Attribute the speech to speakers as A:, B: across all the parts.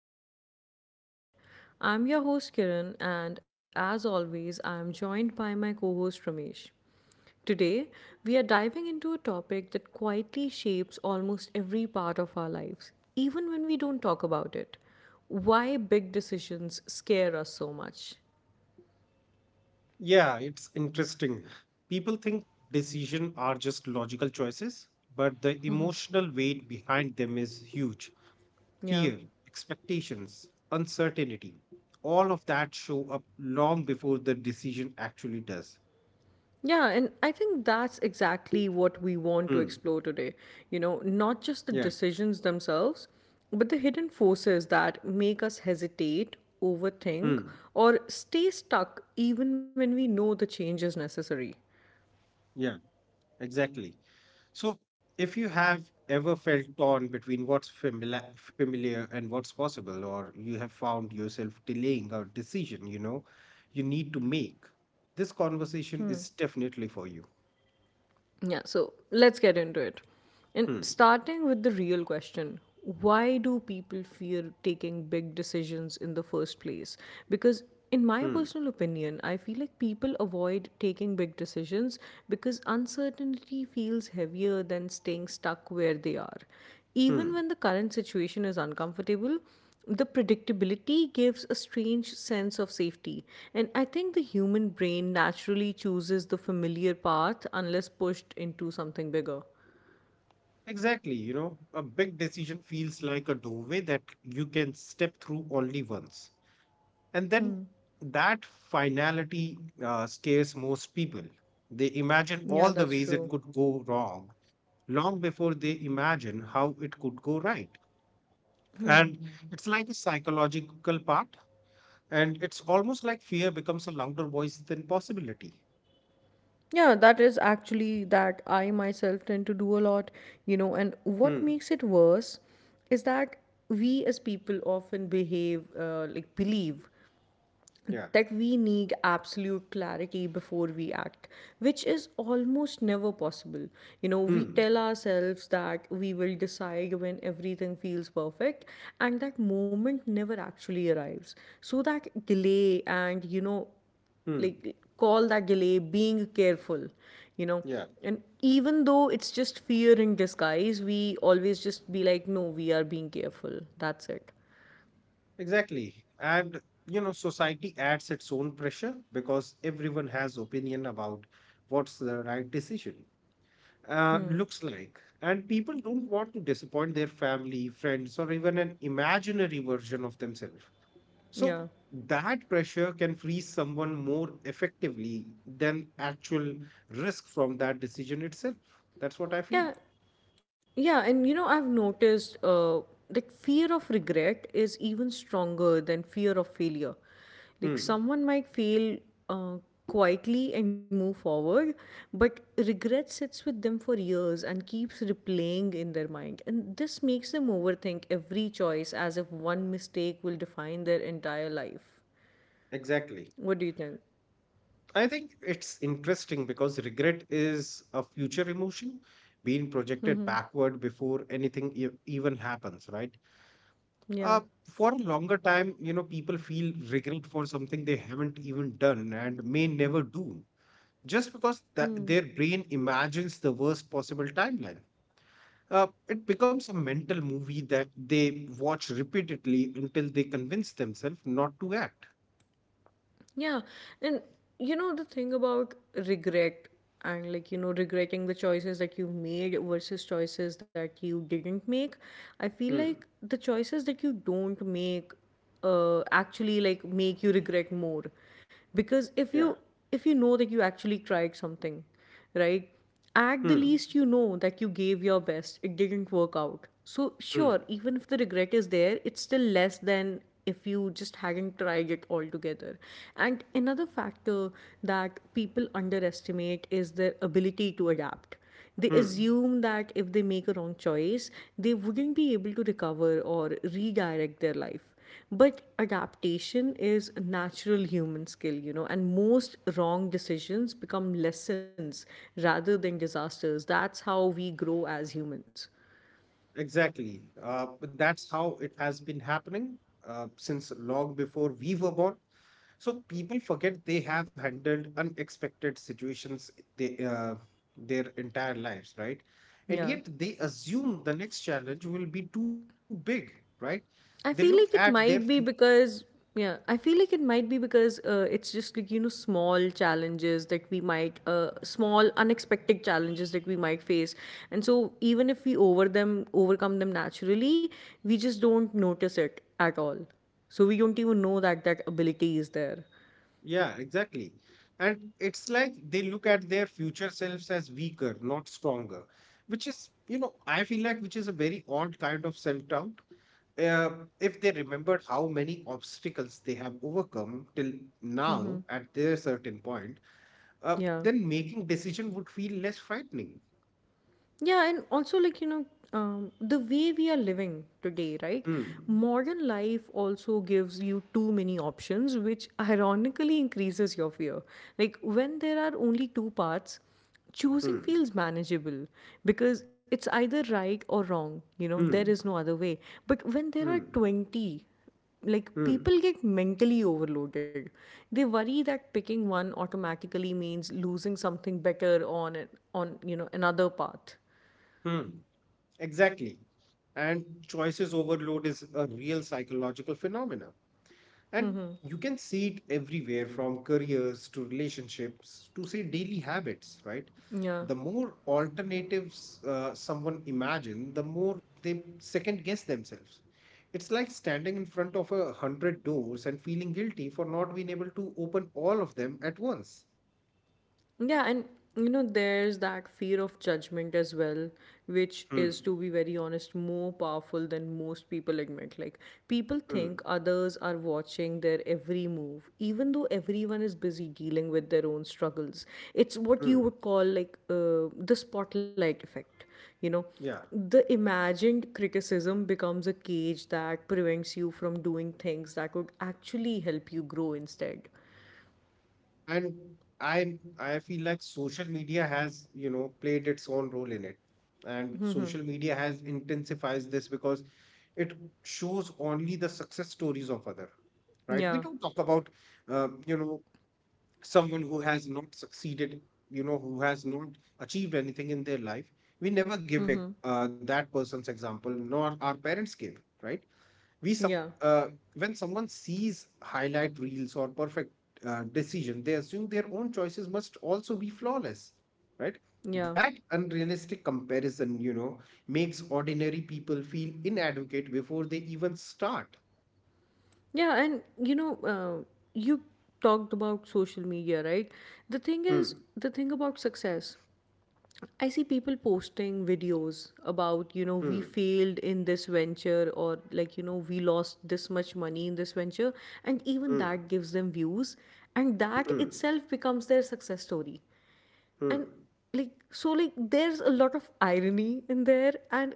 A: to the Open Mind Pod. I'm your host Kiran, and as always, I'm joined by my co host Ramesh. Today, we are diving into a topic that quietly shapes almost every part of our lives, even when we don't talk about it. Why big decisions scare us so much.
B: Yeah, it's interesting. People think decisions are just logical choices, but the emotional weight behind them is huge.
A: Yeah.
B: Fear, expectations, uncertainty, all of that show up long before the decision actually does.
A: Yeah, and I think that's exactly what we want to
B: Hmm.
A: explore today. You know, not just the
B: Yeah.
A: decisions themselves, but the hidden forces that make us hesitate, overthink,
B: Hmm.
A: or stay stuck even when we know the change is necessary.
B: Yeah. Exactly. So, if you have ever felt torn between what's familiar and what's possible, or you have found yourself delaying a decision, you need to make, this conversation is definitely for you.
A: Yeah, so let's get into it. And
B: Hmm,
A: starting with the real question, why do people fear taking big decisions in the first place? Because, in my
B: hmm,
A: personal opinion, I feel like people avoid taking big decisions because uncertainty feels heavier than staying stuck where they are. Even
B: hmm.
A: when the current situation is uncomfortable, the predictability gives a strange sense of safety, and I think the human brain naturally chooses the familiar path unless pushed into something bigger.
B: Exactly. You know, a big decision feels like a doorway that you can step through only once. And then that finality scares most people. They imagine
A: Yeah,
B: all the
A: that's
B: ways it
A: true.
B: could go wrong long before they imagine how it could go right. And it's like a psychological part, and it's almost like fear becomes a louder voice than possibility.
A: Yeah, that is actually that I myself tend to do a lot, you know, and what
B: Hmm.
A: makes it worse is that we as people often behave like believe
B: Yeah.
A: that we need absolute clarity before we act, which is almost never possible. You know, we
B: Hmm.
A: tell ourselves that we will decide when everything feels perfect, and that moment never actually arrives. So, that delay, and, you know,
B: Hmm.
A: like, call that delay being careful, you know,
B: Yeah.
A: and even though it's just fear in disguise, we always just be like, no, we are being careful, that's it.
B: Exactly. And you know, society adds its own pressure because everyone has opinion about what's the right decision. Looks like, and people don't want to disappoint their family, friends, or even an imaginary version of themselves. So
A: Yeah.
B: that pressure can freeze someone more effectively than actual risk from that decision itself. That's what I feel.
A: Yeah. Yeah, and you know, I've noticed that fear of regret is even stronger than fear of failure.
B: Hmm,
A: Like, someone might fail uh, quietly and move forward, but regret sits with them for years and keeps replaying in their mind. And this makes them overthink every choice as if one mistake will define their entire life.
B: exactly.
A: What do you think?
B: I think it's interesting because regret is a future emotion being projected
A: Mm-hmm.
B: backward before anything even happens, right?
A: Yeah.
B: Uh, for a longer time, you know, people feel regret for something they haven't even done and may never do just because that
A: Hmm.
B: their brain imagines the worst possible timeline. It becomes a mental movie that they watch repeatedly until they convince themselves not to act.
A: Yeah, and you know, the thing about regret, and, like, you know, regretting the choices that you made versus choices that you didn't make. I feel
B: Hmm.
A: like the choices that you don't make actually, like, make you regret more, because if you,
B: Yeah.
A: if you know that you actually tried something, right, at the
B: Hmm.
A: least you know that you gave your best, it didn't work out, so sure,
B: Hmm.
A: even if the regret is there, it's still less than if you just hadn't tried it altogether. And another factor that people underestimate is their ability to adapt. They
B: Hmm.
A: assume that if they make a wrong choice, they wouldn't be able to recover or redirect their life. But adaptation is a natural human skill, you know, and most wrong decisions become lessons rather than disasters. That's how we grow as humans.
B: Exactly. But that's how it has been happening since long before we were born. So people forget they have handled unexpected situations they, uh, their entire lives, right? And
A: Yeah.
B: yet they assume the next challenge will be too big, right? They look
A: I feel
B: at
A: like
B: their
A: it
B: fu-
A: might be because, yeah, I feel like it might be because it's just like, you know, small challenges that we might, small unexpected challenges that we might face, and so even if we overcome them naturally, we just don't notice it at all. So we don't even know that that ability is there.
B: Yeah, exactly. And it's like they look at their future selves as weaker, not stronger, which is, you know, I feel like which is a very odd kind of self doubt. If they remembered how many obstacles they have overcome till
A: Mm-hmm.
B: now at their certain point,
A: Yeah.
B: then making decision would feel less frightening.
A: Yeah, and also, like, you know, the way we are living today, right?
B: Hmm.
A: Modern life also gives you too many options, which ironically increases your fear. Like, when there are only two paths, choosing
B: Hmm.
A: feels manageable because it's either right or wrong. You know, there
B: Hmm.
A: is no other way. But when there are
B: Hmm.
A: 20, like,
B: Hmm.
A: people get mentally overloaded, they worry that picking one automatically means losing something better on on, you know, another path.
B: Hmm. Exactly. And choices overload is a real psychological phenomena. And
A: Mm-hmm.
B: you can see it everywhere from careers to relationships to say daily habits, right? The
A: Yeah.
B: more alternatives someone imagine, the more they second guess themselves. It's like standing in front of a hundred doors and feeling guilty for not being able to open all of them at once.
A: Yeah, and you know, there's that fear of judgment as well, which is,
B: Hmm.
A: to be very honest, more powerful than most people admit. Like, people
B: Hmm.
A: think others are watching their every move, even though everyone is busy dealing with their own struggles. It's what you
B: Hmm.
A: would call, like, the spotlight effect, you know?
B: Yeah.
A: The imagined criticism becomes a cage that prevents you from doing things that could actually help you grow instead.
B: And I feel like social media has, you know, played its own role in it. And social media has intensifies this because it shows only the success stories of other, right? We don't
A: Yeah.
B: talk about, you know, someone who has not succeeded, you know, who has not achieved anything in their life. We never give it,
A: Mm-hmm.
B: that person's example, nor our parents give, right? we some
A: Yeah,
B: when someone sees highlight reels or perfect decision, they assume their own choices must also be flawless, right?
A: yeah,
B: That unrealistic comparison, you know, makes ordinary people feel inadequate before they even start.
A: yeah. And you know, you talked about social media, right? The thing is,
B: Hmm,
A: the thing about success, I see people posting videos about, you know, we
B: hmm,
A: failed in this venture, or like, you know, we lost this much money in this venture. And even
B: hmm,
A: that gives them views. And that
B: hmm,
A: itself becomes their success story. And
B: hmm,
A: like, so like, there's a lot of irony in there, and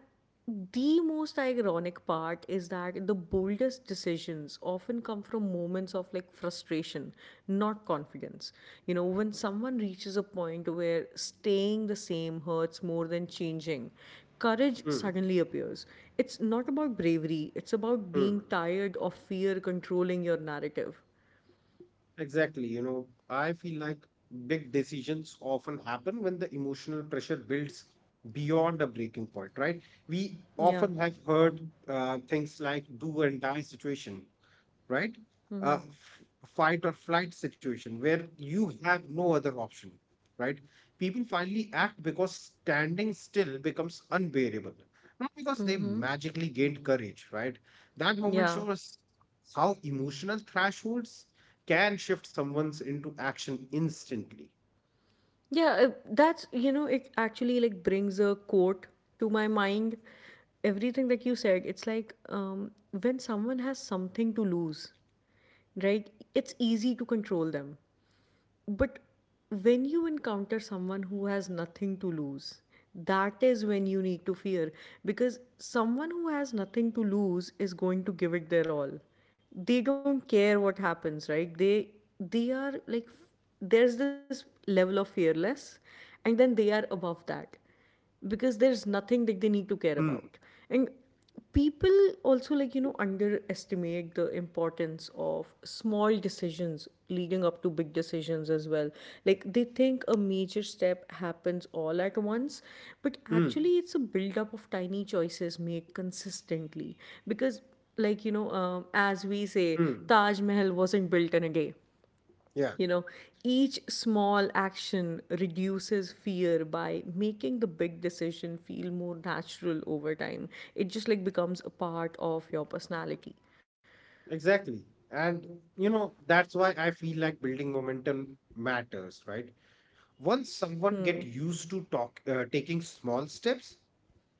A: the most ironic part is that the boldest decisions often come from moments of like frustration, not confidence. You know, when someone reaches a point where staying the same hurts more than changing, courage
B: hmm,
A: suddenly appears. It's not about bravery, it's about being
B: hmm.
A: tired of fear controlling your narrative.
B: Exactly. You know, I feel like big decisions often happen when the emotional pressure builds beyond a breaking point, right? We
A: Yeah.
B: often have heard things like do and die situation, right?
A: Mm-hmm.
B: A f- fight or flight situation where you have no other option, right? People finally act because standing still becomes unbearable, not because they
A: Mm-hmm.
B: magically gained courage, right? That moment
A: Yeah.
B: shows how emotional thresholds can shift someone's into action instantly.
A: Yeah, that's, you know, it actually, like, brings a quote to my mind. Everything that you said, it's like, when someone has something to lose, right? It's easy to control them. But when you encounter someone who has nothing to lose, that is when you need to fear, because someone who has nothing to lose is going to give it their all. They don't care what happens, right? They are like, there's this level of fearless, and then they are above that, because there's nothing that they need to care about.
B: Hmm,
A: And people also, like, you know, underestimate the importance of small decisions leading up to big decisions as well. Like, they think a major step happens all at once, but
B: hmm,
A: actually it's a build up of tiny choices made consistently, because, like, you know, as we say,
B: hmm.
A: Taj Mahal wasn't built in a day,
B: Yeah,
A: you know, each small action reduces fear by making the big decision feel more natural over time. It just, like, becomes a part of your personality.
B: exactly. And you know, that's why I feel like building momentum matters, right? Once someone get used to talk taking small steps,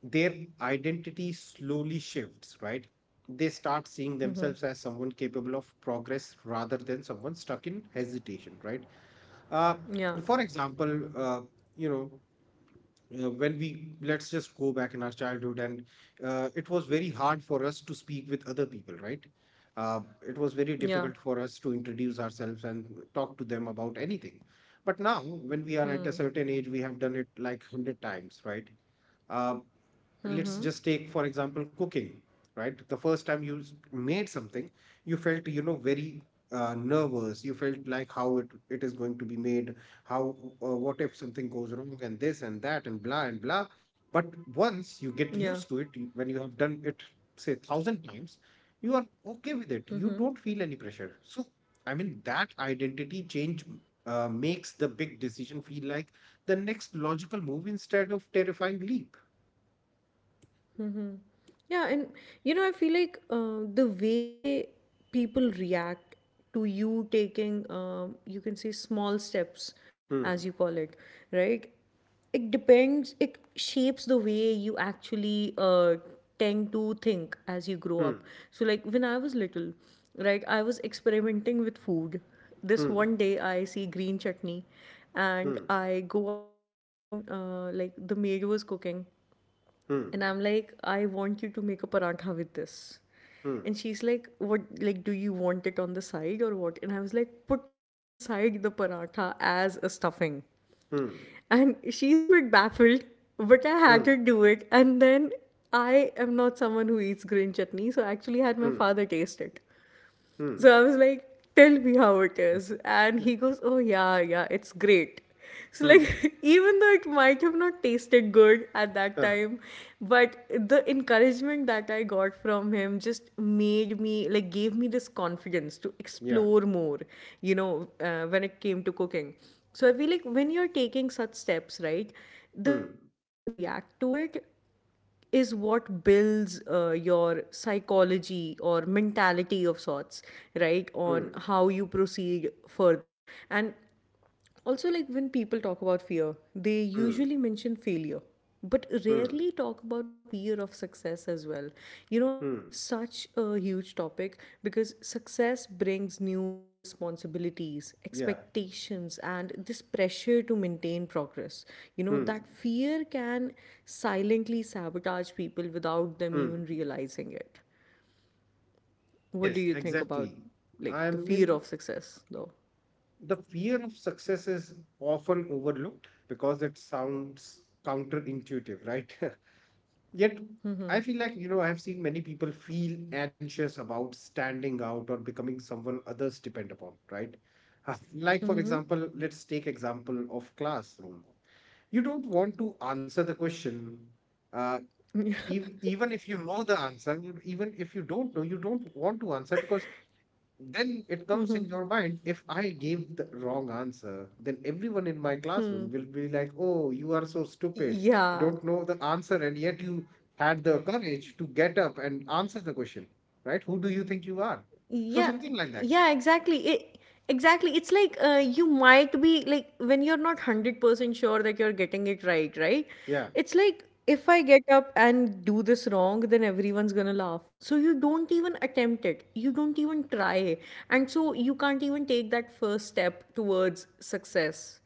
B: their identity slowly shifts, right? They start seeing themselves as someone capable of progress rather than someone stuck in hesitation, right? uh,
A: Yeah.
B: for example you know when we, let's just go back in our childhood and it was very hard for us to speak with other people, right? uh, it was very
A: Yeah.
B: difficult for us to introduce ourselves and talk to them about anything, but now when we are at
A: Hmm.
B: a certain age we have done it like 100 times, right? uh, let's
A: Mm-hmm.
B: just take for example cooking, right? The first time you made something, you felt, you know, very nervous. You felt like how it is going to be made, how what if something goes wrong and this and that and blah and blah, but once you get
A: Yeah.
B: used to it, when you have done it say thousand times, you are okay with it,
A: Mm-hmm.
B: you don't feel any pressure. So I mean that identity change makes the big decision feel like the next logical move instead of terrifying leap.
A: Mm-hmm. Yeah, and you know, I feel like the way people react to you taking, you can say, small steps, as
B: Hmm.
A: you call it, right? It depends, it shapes the way you actually tend to think as you grow up.
B: Mm,
A: So, like, when I was little, right, I was experimenting with food. This
B: mm,
A: one day, I see green chutney, and
B: mm,
A: I go up to the kitchen, like the maid was cooking, and
B: mm,
A: I'm like, I want you to make a paratha with this. And
B: mm,
A: she's like, what, like, do you want it on the side or what? And I was like, put it inside the paratha as a stuffing.
B: mm,
A: And she's a bit baffled, but I had her
B: mm,
A: do it. And then I am not someone who eats green chutney, so I actually had my
B: mm,
A: father taste it. So I
B: mm.
A: was like, tell me how it is. And
B: Yeah.
A: he goes, oh, yeah, yeah, it's great. So,
B: Mm.
A: like, even though it might have not tasted good at that
B: Uh,
A: time, but the encouragement that I got from him just made me, like, gave me this confidence to
B: yeah.
A: explore more, you know, when it came to cooking. So, I feel like when you're taking such steps, right, the way
B: Mm,
A: people react to it is what builds your psychology or mentality of sorts, right? On
B: mm,
A: how you proceed further. And also, like, when people talk about fear, they usually
B: mm,
A: mention failure, but
B: mm,
A: rarely talk about fear of success as well, as well. You know, it's
B: mm.
A: such a huge topic because success brings new responsibilities,
B: Yeah.
A: expectations, and this pressure to maintain progress. You know, that
B: Mm,
A: fear can silently sabotage people without them even
B: mm.
A: realizing it.
B: Yes,
A: What do you think
B: exactly.
A: about
B: I
A: like the
B: mean,
A: fear of success though?
B: the fear of success is often overlooked because it sounds counterintuitive, right? Yet, I feel like, you know, I've seen many people feel anxious about standing out or becoming someone others depend upon, right? Like, for example, let's take example of classroom. You don't want to answer the question, uh, even if you know the answer, even if you don't know, you don't want to answer because then it comes in your mind if I gave the wrong answer, then everyone in my classroom will be like, oh, you are so stupid. You
A: Yeah.
B: don't know the answer, and yet you had the courage to get up and answer the question, right? Who do you think you are? So,
A: Yeah.
B: something like that.
A: Yeah, exactly it, exactly, it's like, you might be like when you're not 100% sure that you're getting it right, right?
B: Yeah,
A: It's like, if I get up and do this wrong, then everyone's gonna laugh, so you don't even attempt it, you don't even try. And so you can't even take that first step towards success.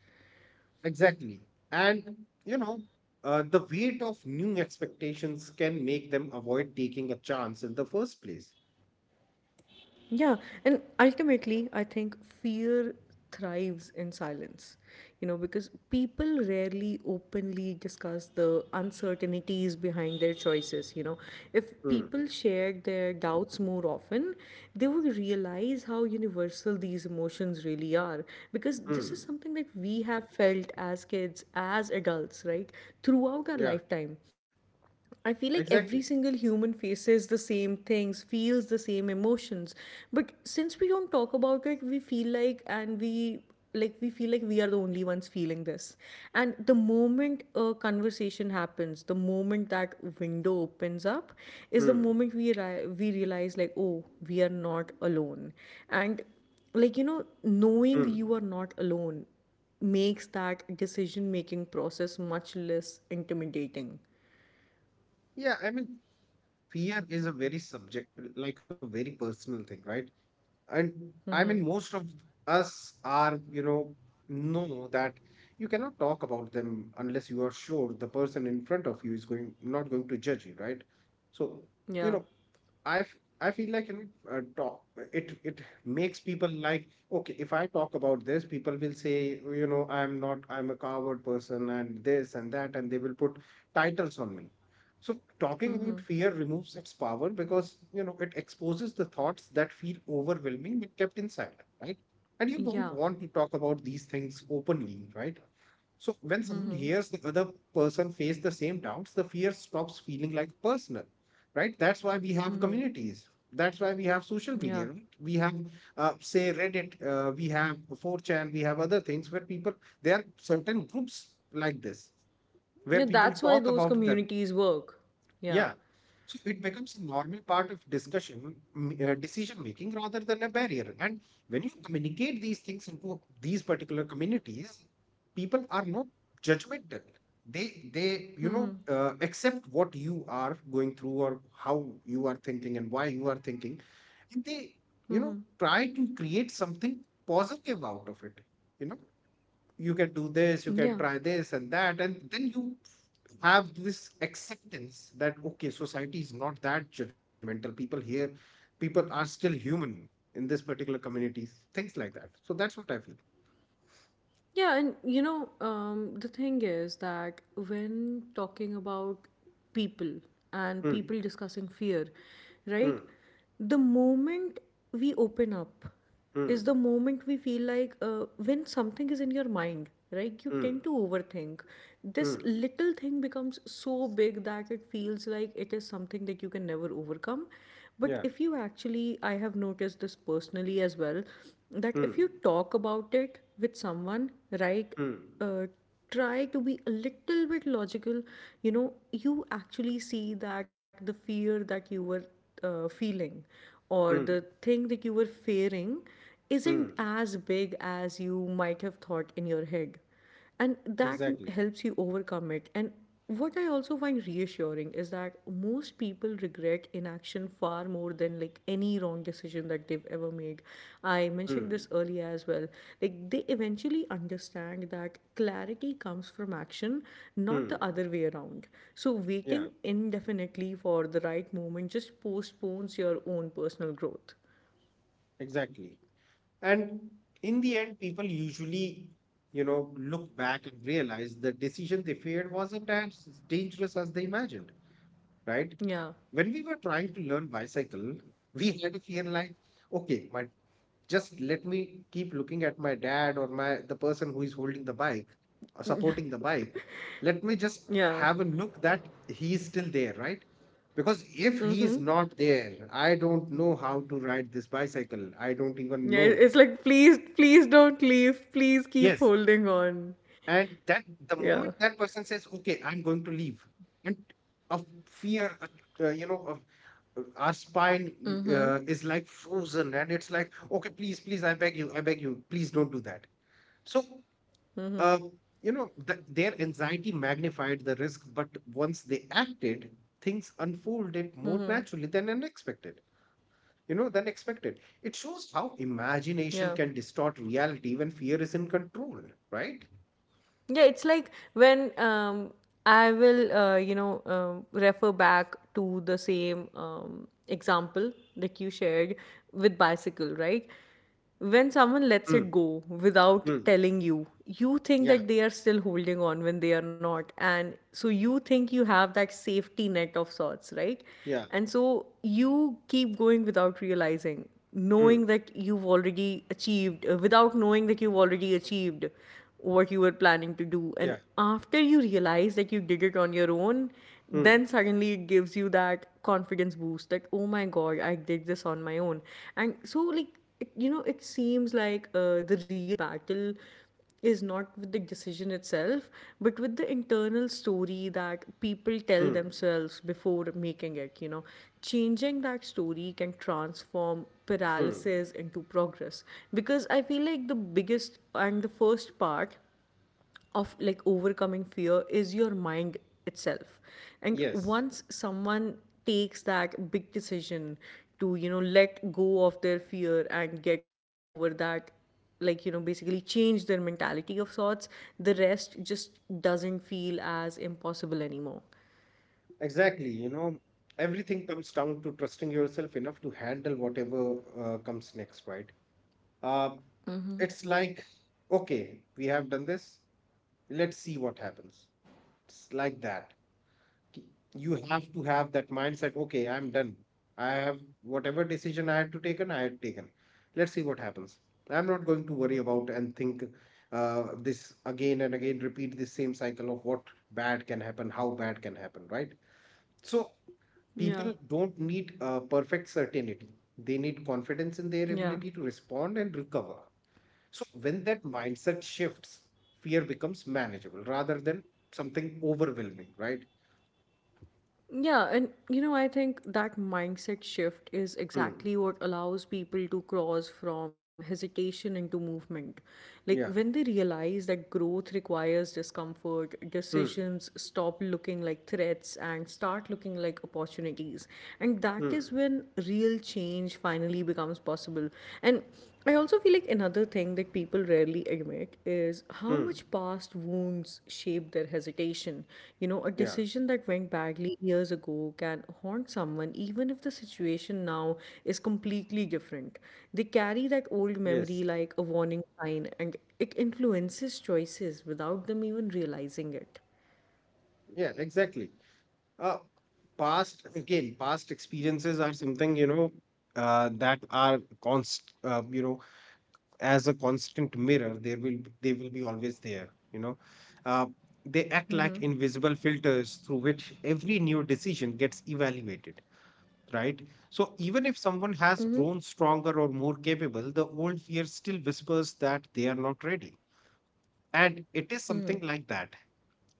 B: exactly. And, you know, the weight of new expectations can make them avoid taking a chance in the first place.
A: Yeah, and ultimately, I think fear thrives in silence, you know, because people rarely openly discuss the uncertainties behind their choices. You know, if
B: Hmm.
A: people shared their doubts more often, they would realize how universal these emotions really are, because
B: Hmm.
A: this is something that we have felt as kids, as adults, right, throughout our
B: Yeah,
A: lifetime. I feel like every
B: exactly.
A: single human faces the same things, feels the same emotions. But since we don't talk about it, we feel like, and we, like, we feel like we are the only ones feeling this. And the moment a conversation happens, the moment that window opens up is the
B: Hmm.
A: moment we we realize, like, oh, we are not alone. And, like, you know, knowing you
B: Hmm.
A: are not alone makes that decision making process much less intimidating.
B: Yeah, I mean, fear is a very subject, like a very personal thing, right? And I mean most of us are, you know that you cannot talk about them unless you are sure the person in front of you is going not going to judge you, right? So,
A: Yeah.
B: you know, i f- I feel like, you know, talk it makes people like, okay, if I talk about this people will say, you know, I'm not I'm a coward person and this and that and they will put titles on me. So talking about
A: Mhm.
B: fear removes its power because, you know, it exposes the thoughts that feel overwhelming but kept inside, right? And you don't
A: Yeah.
B: want to talk about these things openly, right? So when someone
A: Mhm.
B: hears the other person face the same doubts, the fear stops feeling like personal, right? That's why we have
A: Mhm.
B: communities. That's why we have social
A: Yeah.
B: media. Right? We have, say, Reddit. We have 4chan. We have other things where people there are certain groups like this where
A: Yeah,
B: people
A: that's why
B: talk
A: those
B: about their,
A: communities work. Yeah.
B: yeah. So it becomes a normal part of discussion, decision making rather than a barrier. And when you communicate these things into these particular communities, people are not judgmental. You know,
A: Mhm.
B: accept what you are going through or how you are thinking and why you are thinking, and they, you know,
A: Mhm.
B: try to create something positive out of it. You know, you can do this, you can
A: Yeah.
B: try this and that, and then you have this acceptance that okay society is not that judgmental, people here people are still human in this particular community, things like that. So that's what I feel.
A: Yeah, and you know, the thing is that when talking about people and
B: Hmm.
A: people discussing fear, right,
B: Hmm.
A: the moment we open up
B: Hmm.
A: is the moment we feel like when something is in your mind, right, you tend
B: Hmm.
A: to overthink. This
B: Hmm.
A: little thing becomes so big that it feels like it is something that you can never overcome. But
B: Yeah.
A: if you actually, I have noticed this personally as well, that if you
B: Hmm.
A: talk about it with someone, right,
B: Hmm.
A: uh, try to be a little bit logical, you know, you actually see that the fear that you were feeling or
B: Hmm.
A: the thing that you were fearing isn't
B: Hmm.
A: as big as you might have thought in your head and that
B: Exactly.
A: helps you overcome it. And what I also find reassuring is that most people regret inaction far more than like any wrong decision that they've ever made. I mentioned
B: Hmm.
A: this earlier as well, like they eventually understand that clarity comes from action, not the
B: Hmm.
A: other way around. So
B: Yeah,
A: waiting indefinitely for the right moment just postpones your own personal growth.
B: exactly. And in the end, people usually, you know, look back and realize the decision they feared wasn't as dangerous as they imagined, right?
A: Yeah.
B: When we were trying to learn bicycle, we had a fear like, okay, my just let me keep looking at my dad or my the person who is holding the bike or supporting the bike. Let me just
A: Yeah.
B: have a look that he is still there, right? Because if he
A: Mm-hmm.
B: is not there, I don't know how to ride this bicycle. I don't even
A: Yeah,
B: know.
A: it's like please, please don't leave. Please keep
B: Yes.
A: holding on.
B: And that the
A: Yeah.
B: moment that person says, okay, I'm going to leave, and a fear, a, you know, our spine
A: Mm-hmm.
B: is like frozen and it's like okay please I beg you please don't do that. So
A: Mm-hmm.
B: uh, you know their anxiety magnified the risk, but once they acted things unfolded more
A: Mm-hmm.
B: naturally than unexpected you know than expected. It shows how
A: Yeah.
B: imagination can distort reality when fear is in control, right?
A: Yeah, it's like when I will, you know, refer back to the same example that you shared with bicycle, right? When someone lets it
B: Mm,
A: go without
B: mm,
A: telling you, you think
B: yeah,
A: that they are still holding on when they are not. And so you think you have that safety net of sorts, right?
B: yeah,
A: And so you keep going without realizing, knowing
B: mm,
A: that you've already achieved, without knowing that you've already achieved what you were planning to do.
B: yeah,
A: And after you realize that you did it on your own, then
B: mm,
A: suddenly it gives you that confidence boost that, oh my God, I did this on my own. And so, like, it, you know, it seems like the real battle is not with the decision itself, but with the internal story that people tell
B: mm,
A: themselves before making it, you know. Changing that story can transform
B: mm.
A: paralysis into progress, because I feel like the biggest and the first part of like overcoming fear is your mind itself. And
B: Yes.
A: once someone takes that big decision to, you know, let go of their fear and get over that, like, you know, basically change their mentality of sorts, the rest just doesn't feel as impossible anymore.
B: Exactly. You know, everything comes down to trusting yourself enough to handle whatever comes next, right? Um, it's like, okay, we have done this. Let's see what happens. It's like that. K- You have to have that mindset. Okay, I'm done. I have whatever decision I had to taken, I had taken. Let's see what happens. I'm not going to worry about and think this again and again, repeat the same cycle of what bad can happen, how bad can happen, right? So
A: Yeah.
B: people don't need perfect certainty. They need confidence in their
A: Yeah.
B: ability to respond and recover. So, when that mindset shifts, fear becomes manageable rather than something overwhelming, right?
A: Yeah, and you know, I think that mindset shift is
B: Hmm.
A: exactly what allows people to cross from hesitation into movement. Like
B: Yeah.
A: when they realize that growth requires discomfort,
B: Hmm.
A: decisions stop looking like threats and start looking like opportunities. And that is
B: Hmm.
A: when real change finally becomes possible. And I also feel like another thing that people rarely admit is how
B: Hmm.
A: much past wounds shape their hesitation. You know, a
B: Yeah.
A: decision that went badly years ago can haunt someone even if the situation now is completely different. They carry that old
B: Yes.
A: memory like a warning sign and it influences choices without them even realizing it.
B: Yeah, exactly. Uh, past, again, past experiences are something, you know, you know, as a constant mirror, they will be always there, you know. uh, they act like invisible filters through which every new decision gets evaluated, right? So even if someone has
A: Hmm.
B: grown stronger or more capable, the old fear still whispers that they are not ready. And it is
A: Hmm.
B: something like that.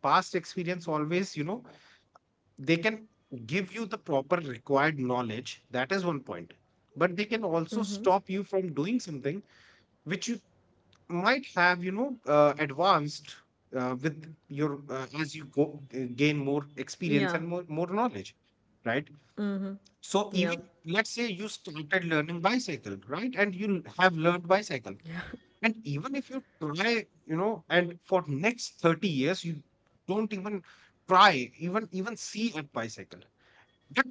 B: Past experience, always, you know, they can give you the proper required knowledge. That is one point. But they can also
A: Hmm.
B: stop you from doing something which you might have, you know, advanced with your as you go, gain more experience
A: Yeah.
B: and more knowledge, right?
A: Hmm.
B: So
A: Yeah.
B: even, let's say you started learning bicycle, right? And you have learned bicycle,
A: Yeah.
B: and even if you try, you know, and for next 30 years you don't even try, even see a bicycle. But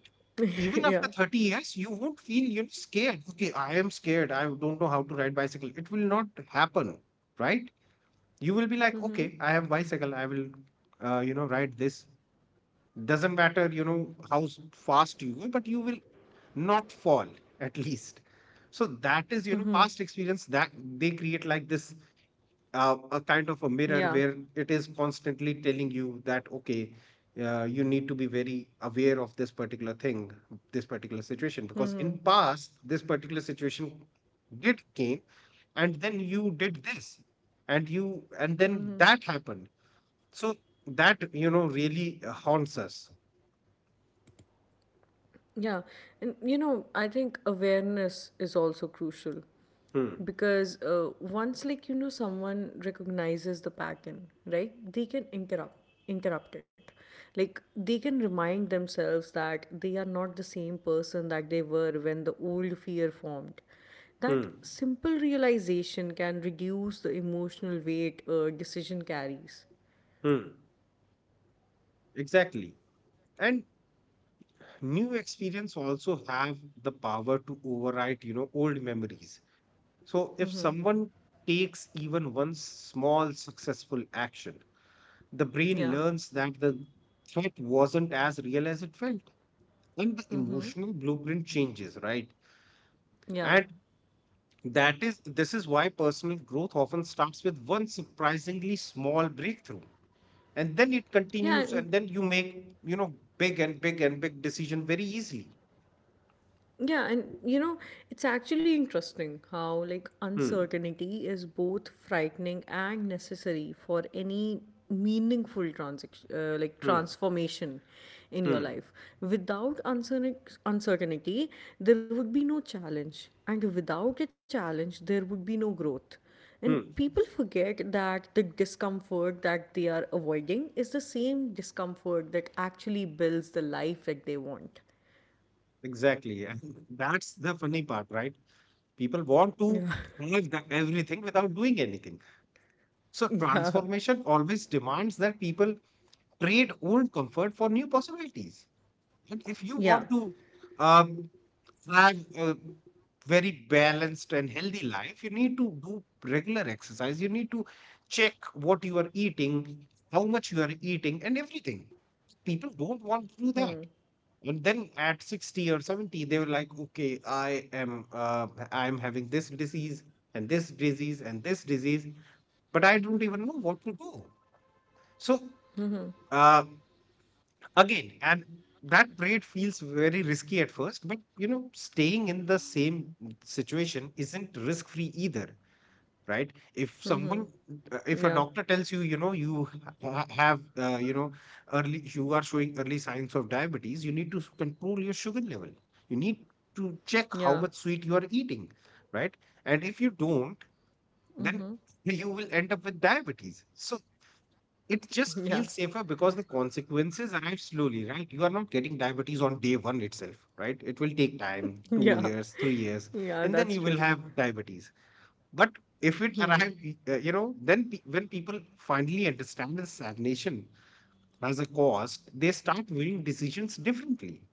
B: even
A: Yeah.
B: after 30 years, you won't feel you're scared. Okay, I am scared, I don't know how to ride bicycle. It will not happen, right? You will be like,
A: Hmm.
B: okay, I have bicycle, I will you know, ride this. Doesn't matter, you know, how fast you go, but you will not fall, at least. So that is, you know,
A: Hmm.
B: past experience, that they create like this a kind of a mirror
A: Yeah.
B: where it is constantly telling you that, okay, you need to be very aware of this particular thing, this particular situation, because
A: Hmm.
B: in past this particular situation did came, and then you did this, and you and then that happened. So that, you know, really haunts us.
A: Yeah, and you know, I think awareness is also crucial
B: Hmm.
A: because once, like you know, someone recognizes the pattern, right? They can interrupt it. Like they can remind themselves that they are not the same person that they were when the old fear formed. That
B: Hmm.
A: simple realization can reduce the emotional weight a decision carries.
B: Hmm. Exactly. And new experience also have the power to override, you know, old memories. So if
A: Mm-hmm.
B: someone takes even one small successful action, the brain
A: Yeah.
B: learns that the threat wasn't as real as it felt. And the
A: Mm-hmm.
B: emotional blueprint changes, right?
A: Yeah.
B: And that is, this is why personal growth often starts with one surprisingly small breakthrough. And then it
A: Yeah.
B: continues, and then you make, you know, big and big and big decision very easily.
A: Yeah, and you know, it's actually interesting how like
B: Hmm.
A: uncertainty is both frightening and necessary for any meaningful transaction, like
B: Hmm.
A: transformation in your
B: Hmm.
A: life. Without uncertain- uncertainty, there would be no challenge, and without a challenge, there would be no growth. And
B: Hmm.
A: people forget that the discomfort that they are avoiding is the same discomfort that actually builds the life that they want.
B: Exactly. And that's the funny part, right? People want to
A: Yeah.
B: have the- everything without doing anything. So
A: Yeah.
B: transformation always demands that people trade old comfort for new possibilities. And if you want
A: Yeah.
B: to um, have a very balanced and healthy life, you need to do regular exercise. You need to check what you are eating, how much you are eating, and everything. People don't want to do that. And then at 60 or 70, they were like, okay, I am I'm having this disease and this disease and this disease, but I don't even know what to do. So, uh, again and that trade feels very risky at first, but you know, staying in the same situation isn't risk free either, right? If
A: Mm.
B: someone,
A: Yeah.
B: if a doctor tells you, you know, you have you know, early, you are showing early signs of diabetes, you need to control your sugar level, you need to check how
A: Yeah.
B: much sweet you are eating, right? And if you don't, then you will end up with diabetes. So it just
A: Yeah.
B: feels safer because the consequences arrive slowly, right? You are not getting diabetes on day one itself, right? It will take time, two
A: Yeah.
B: years, 3 years,
A: Yeah,
B: and then
A: that's
B: you will
A: true.
B: have diabetes. But if it arrive, you know, then when people finally understand the stagnation as a cost, they start viewing decisions differently.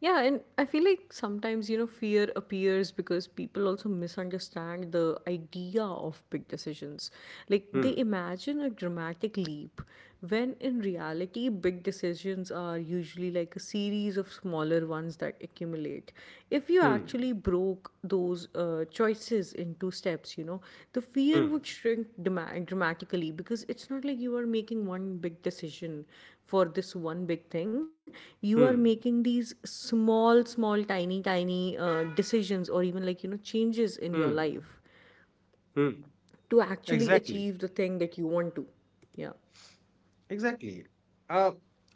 A: Yeah, and I feel like sometimes, you know, fear appears because people also misunderstand the idea of big decisions. Like
B: Hmm,
A: they imagine a dramatic leap, when in reality, big decisions are usually like a series of smaller ones that accumulate. If you
B: hmm,
A: actually totally broke those choices into steps, you know, the fear would
B: hmm,
A: dramatically, because it's not like you are making one big decision for this one big thing. You are
B: hmm,
A: making these small small tiny tiny decisions or even like you know changes in your
B: hmm,
A: life
B: hmm.
A: to actually
B: Exactly.
A: achieve the thing that you want to. Yeah.
B: Exactly. Uh,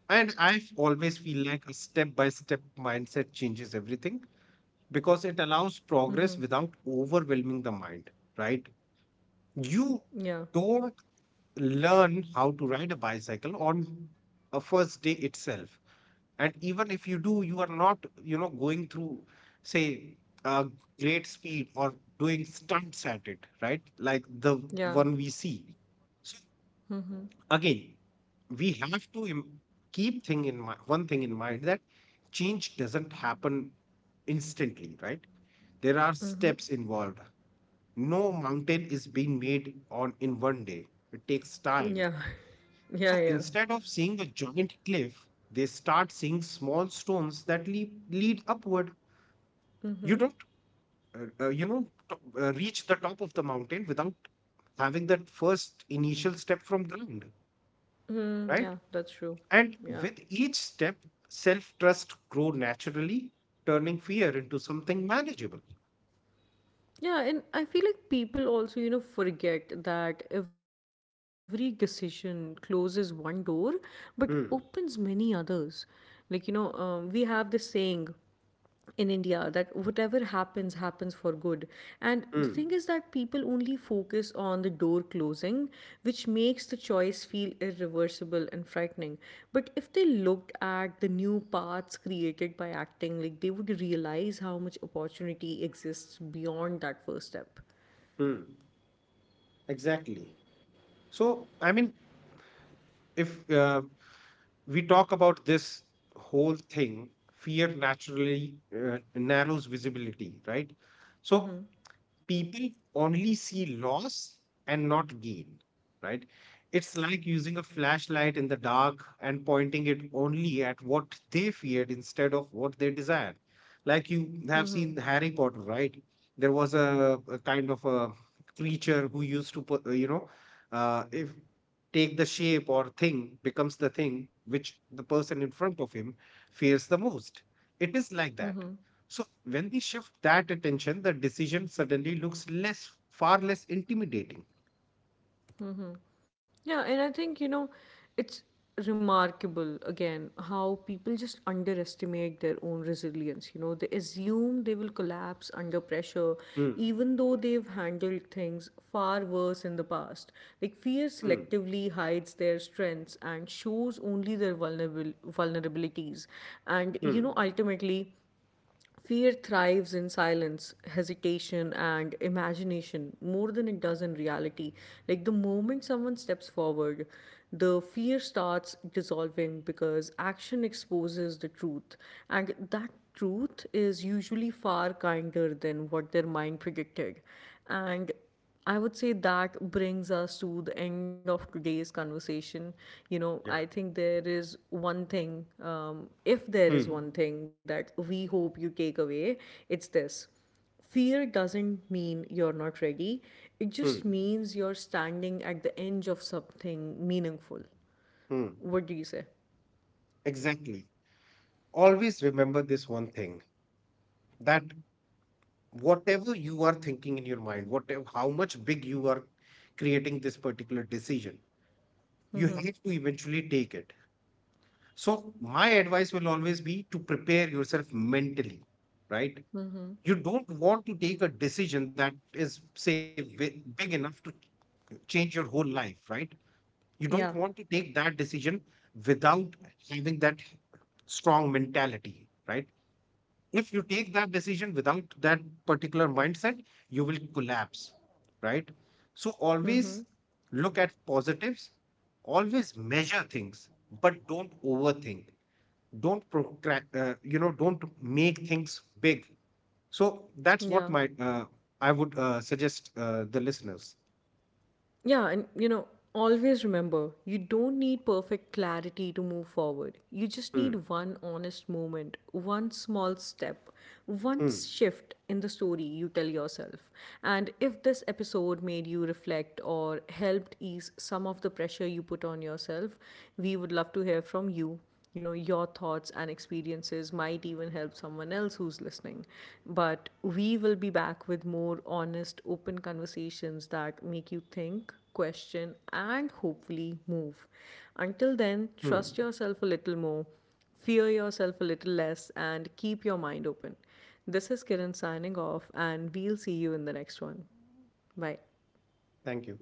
B: and I always feel like a step by step mindset changes everything, because it allows
A: Hmm.
B: progress without overwhelming the mind, right? You
A: Yeah.
B: don't learn how to ride a bicycle on a first day itself. And even if you do, you are not, you know, going through, say, a great speed or doing stunts at it, right? Like the
A: Yeah.
B: one we see. So
A: Mm-hmm.
B: again, we have to keep thing in mind, one thing in mind, that change doesn't happen instantly, right? There are
A: Mm-hmm.
B: steps involved. No mountain is being made on in one day. It takes time.
A: Yeah.
B: So
A: Yeah. Yeah.
B: instead of seeing a giant cliff, they start seeing small stones that lead upward. You
A: Mm-hmm.
B: don't you know, reach the top of the mountain without having that first initial step from ground,
A: Mm,
B: right?
A: yeah, that's true.
B: And
A: Yeah.
B: with each step, self trust grew naturally, turning fear into something manageable.
A: Yeah, and I feel like people also, you know, forget that every decision closes one door but opens many
B: Hmm.
A: others. Like, you know, we have this saying in India that whatever happens, happens for good. And the thing is
B: Hmm.
A: that people only focus on the door closing, which makes the choice feel irreversible and frightening. But if they looked at the new paths created by acting, like they would realize how much opportunity exists beyond that first step.
B: Hmm. Exactly. So, I mean, if we talk about this whole thing, fear naturally narrows visibility, right? So, people only see loss and not gain, right? It's like using a flashlight in the dark and pointing it only at what they feared instead of what they desired. Like you have seen Harry Potter, right? There was a kind of a creature who used to put, you know, if take the shape or thing, becomes the thing which the person in front of him fears the most. It is like that. So when we shift that attention, the decision suddenly looks less, far less intimidating.
A: Yeah, and I think, you know, it's remarkable again how people just underestimate their own resilience. You know, they assume they will collapse under pressure,
B: Hmm.
A: even though they've handled things far worse in the past. Like, fear
B: Hmm.
A: selectively hides their strengths and shows only their vulnerable vulnerabilities. And, you
B: Hmm.
A: know, ultimately, fear thrives in silence, hesitation, and imagination more than it does in reality. Like the moment someone steps forward, the fear starts dissolving because action exposes the truth. And that truth is usually far kinder than what their mind predicted. And I would say that brings us to the end of today's conversation. You know, I
B: Yeah.
A: think there is one thing, if there is one
B: Hmm.
A: thing that we hope you take away, it's this. Fear doesn't mean you're not ready, it
B: Hmm.
A: just means you're standing at the edge of something meaningful.
B: Hmm.
A: What do you say?
B: Exactly. Always remember this one thing, that whatever you are thinking in your mind, whatever how much big you are creating this particular decision, you have to eventually take it. So my advice will always be to prepare yourself mentally, right? You don't want to take a decision that is, say, big enough to change your whole life, right? You don't
A: Yeah.
B: want to take that decision without having that strong mentality, right? If you take that decision without that particular mindset, you will collapse, right? So always
A: Mm-hmm.
B: look at positives, always measure things, but don't overthink, don't you know, don't make things big. So that's what
A: Yeah.
B: my, I would suggest the listeners.
A: Yeah, and you know, always remember you don't need perfect clarity to move forward. You just
B: Hmm.
A: need one honest moment, one small step, one
B: Hmm.
A: shift in the story you tell yourself. And if this episode made you reflect or helped ease some of the pressure you put on yourself, we would love to hear from you. You know, your thoughts and experiences might even help someone else who's listening. But we will be back with more honest open conversations that make you think, question, and hopefully move. Until then,
B: Hmm.
A: trust yourself a little more, fear yourself a little less, and keep your mind open.
B: Thank you.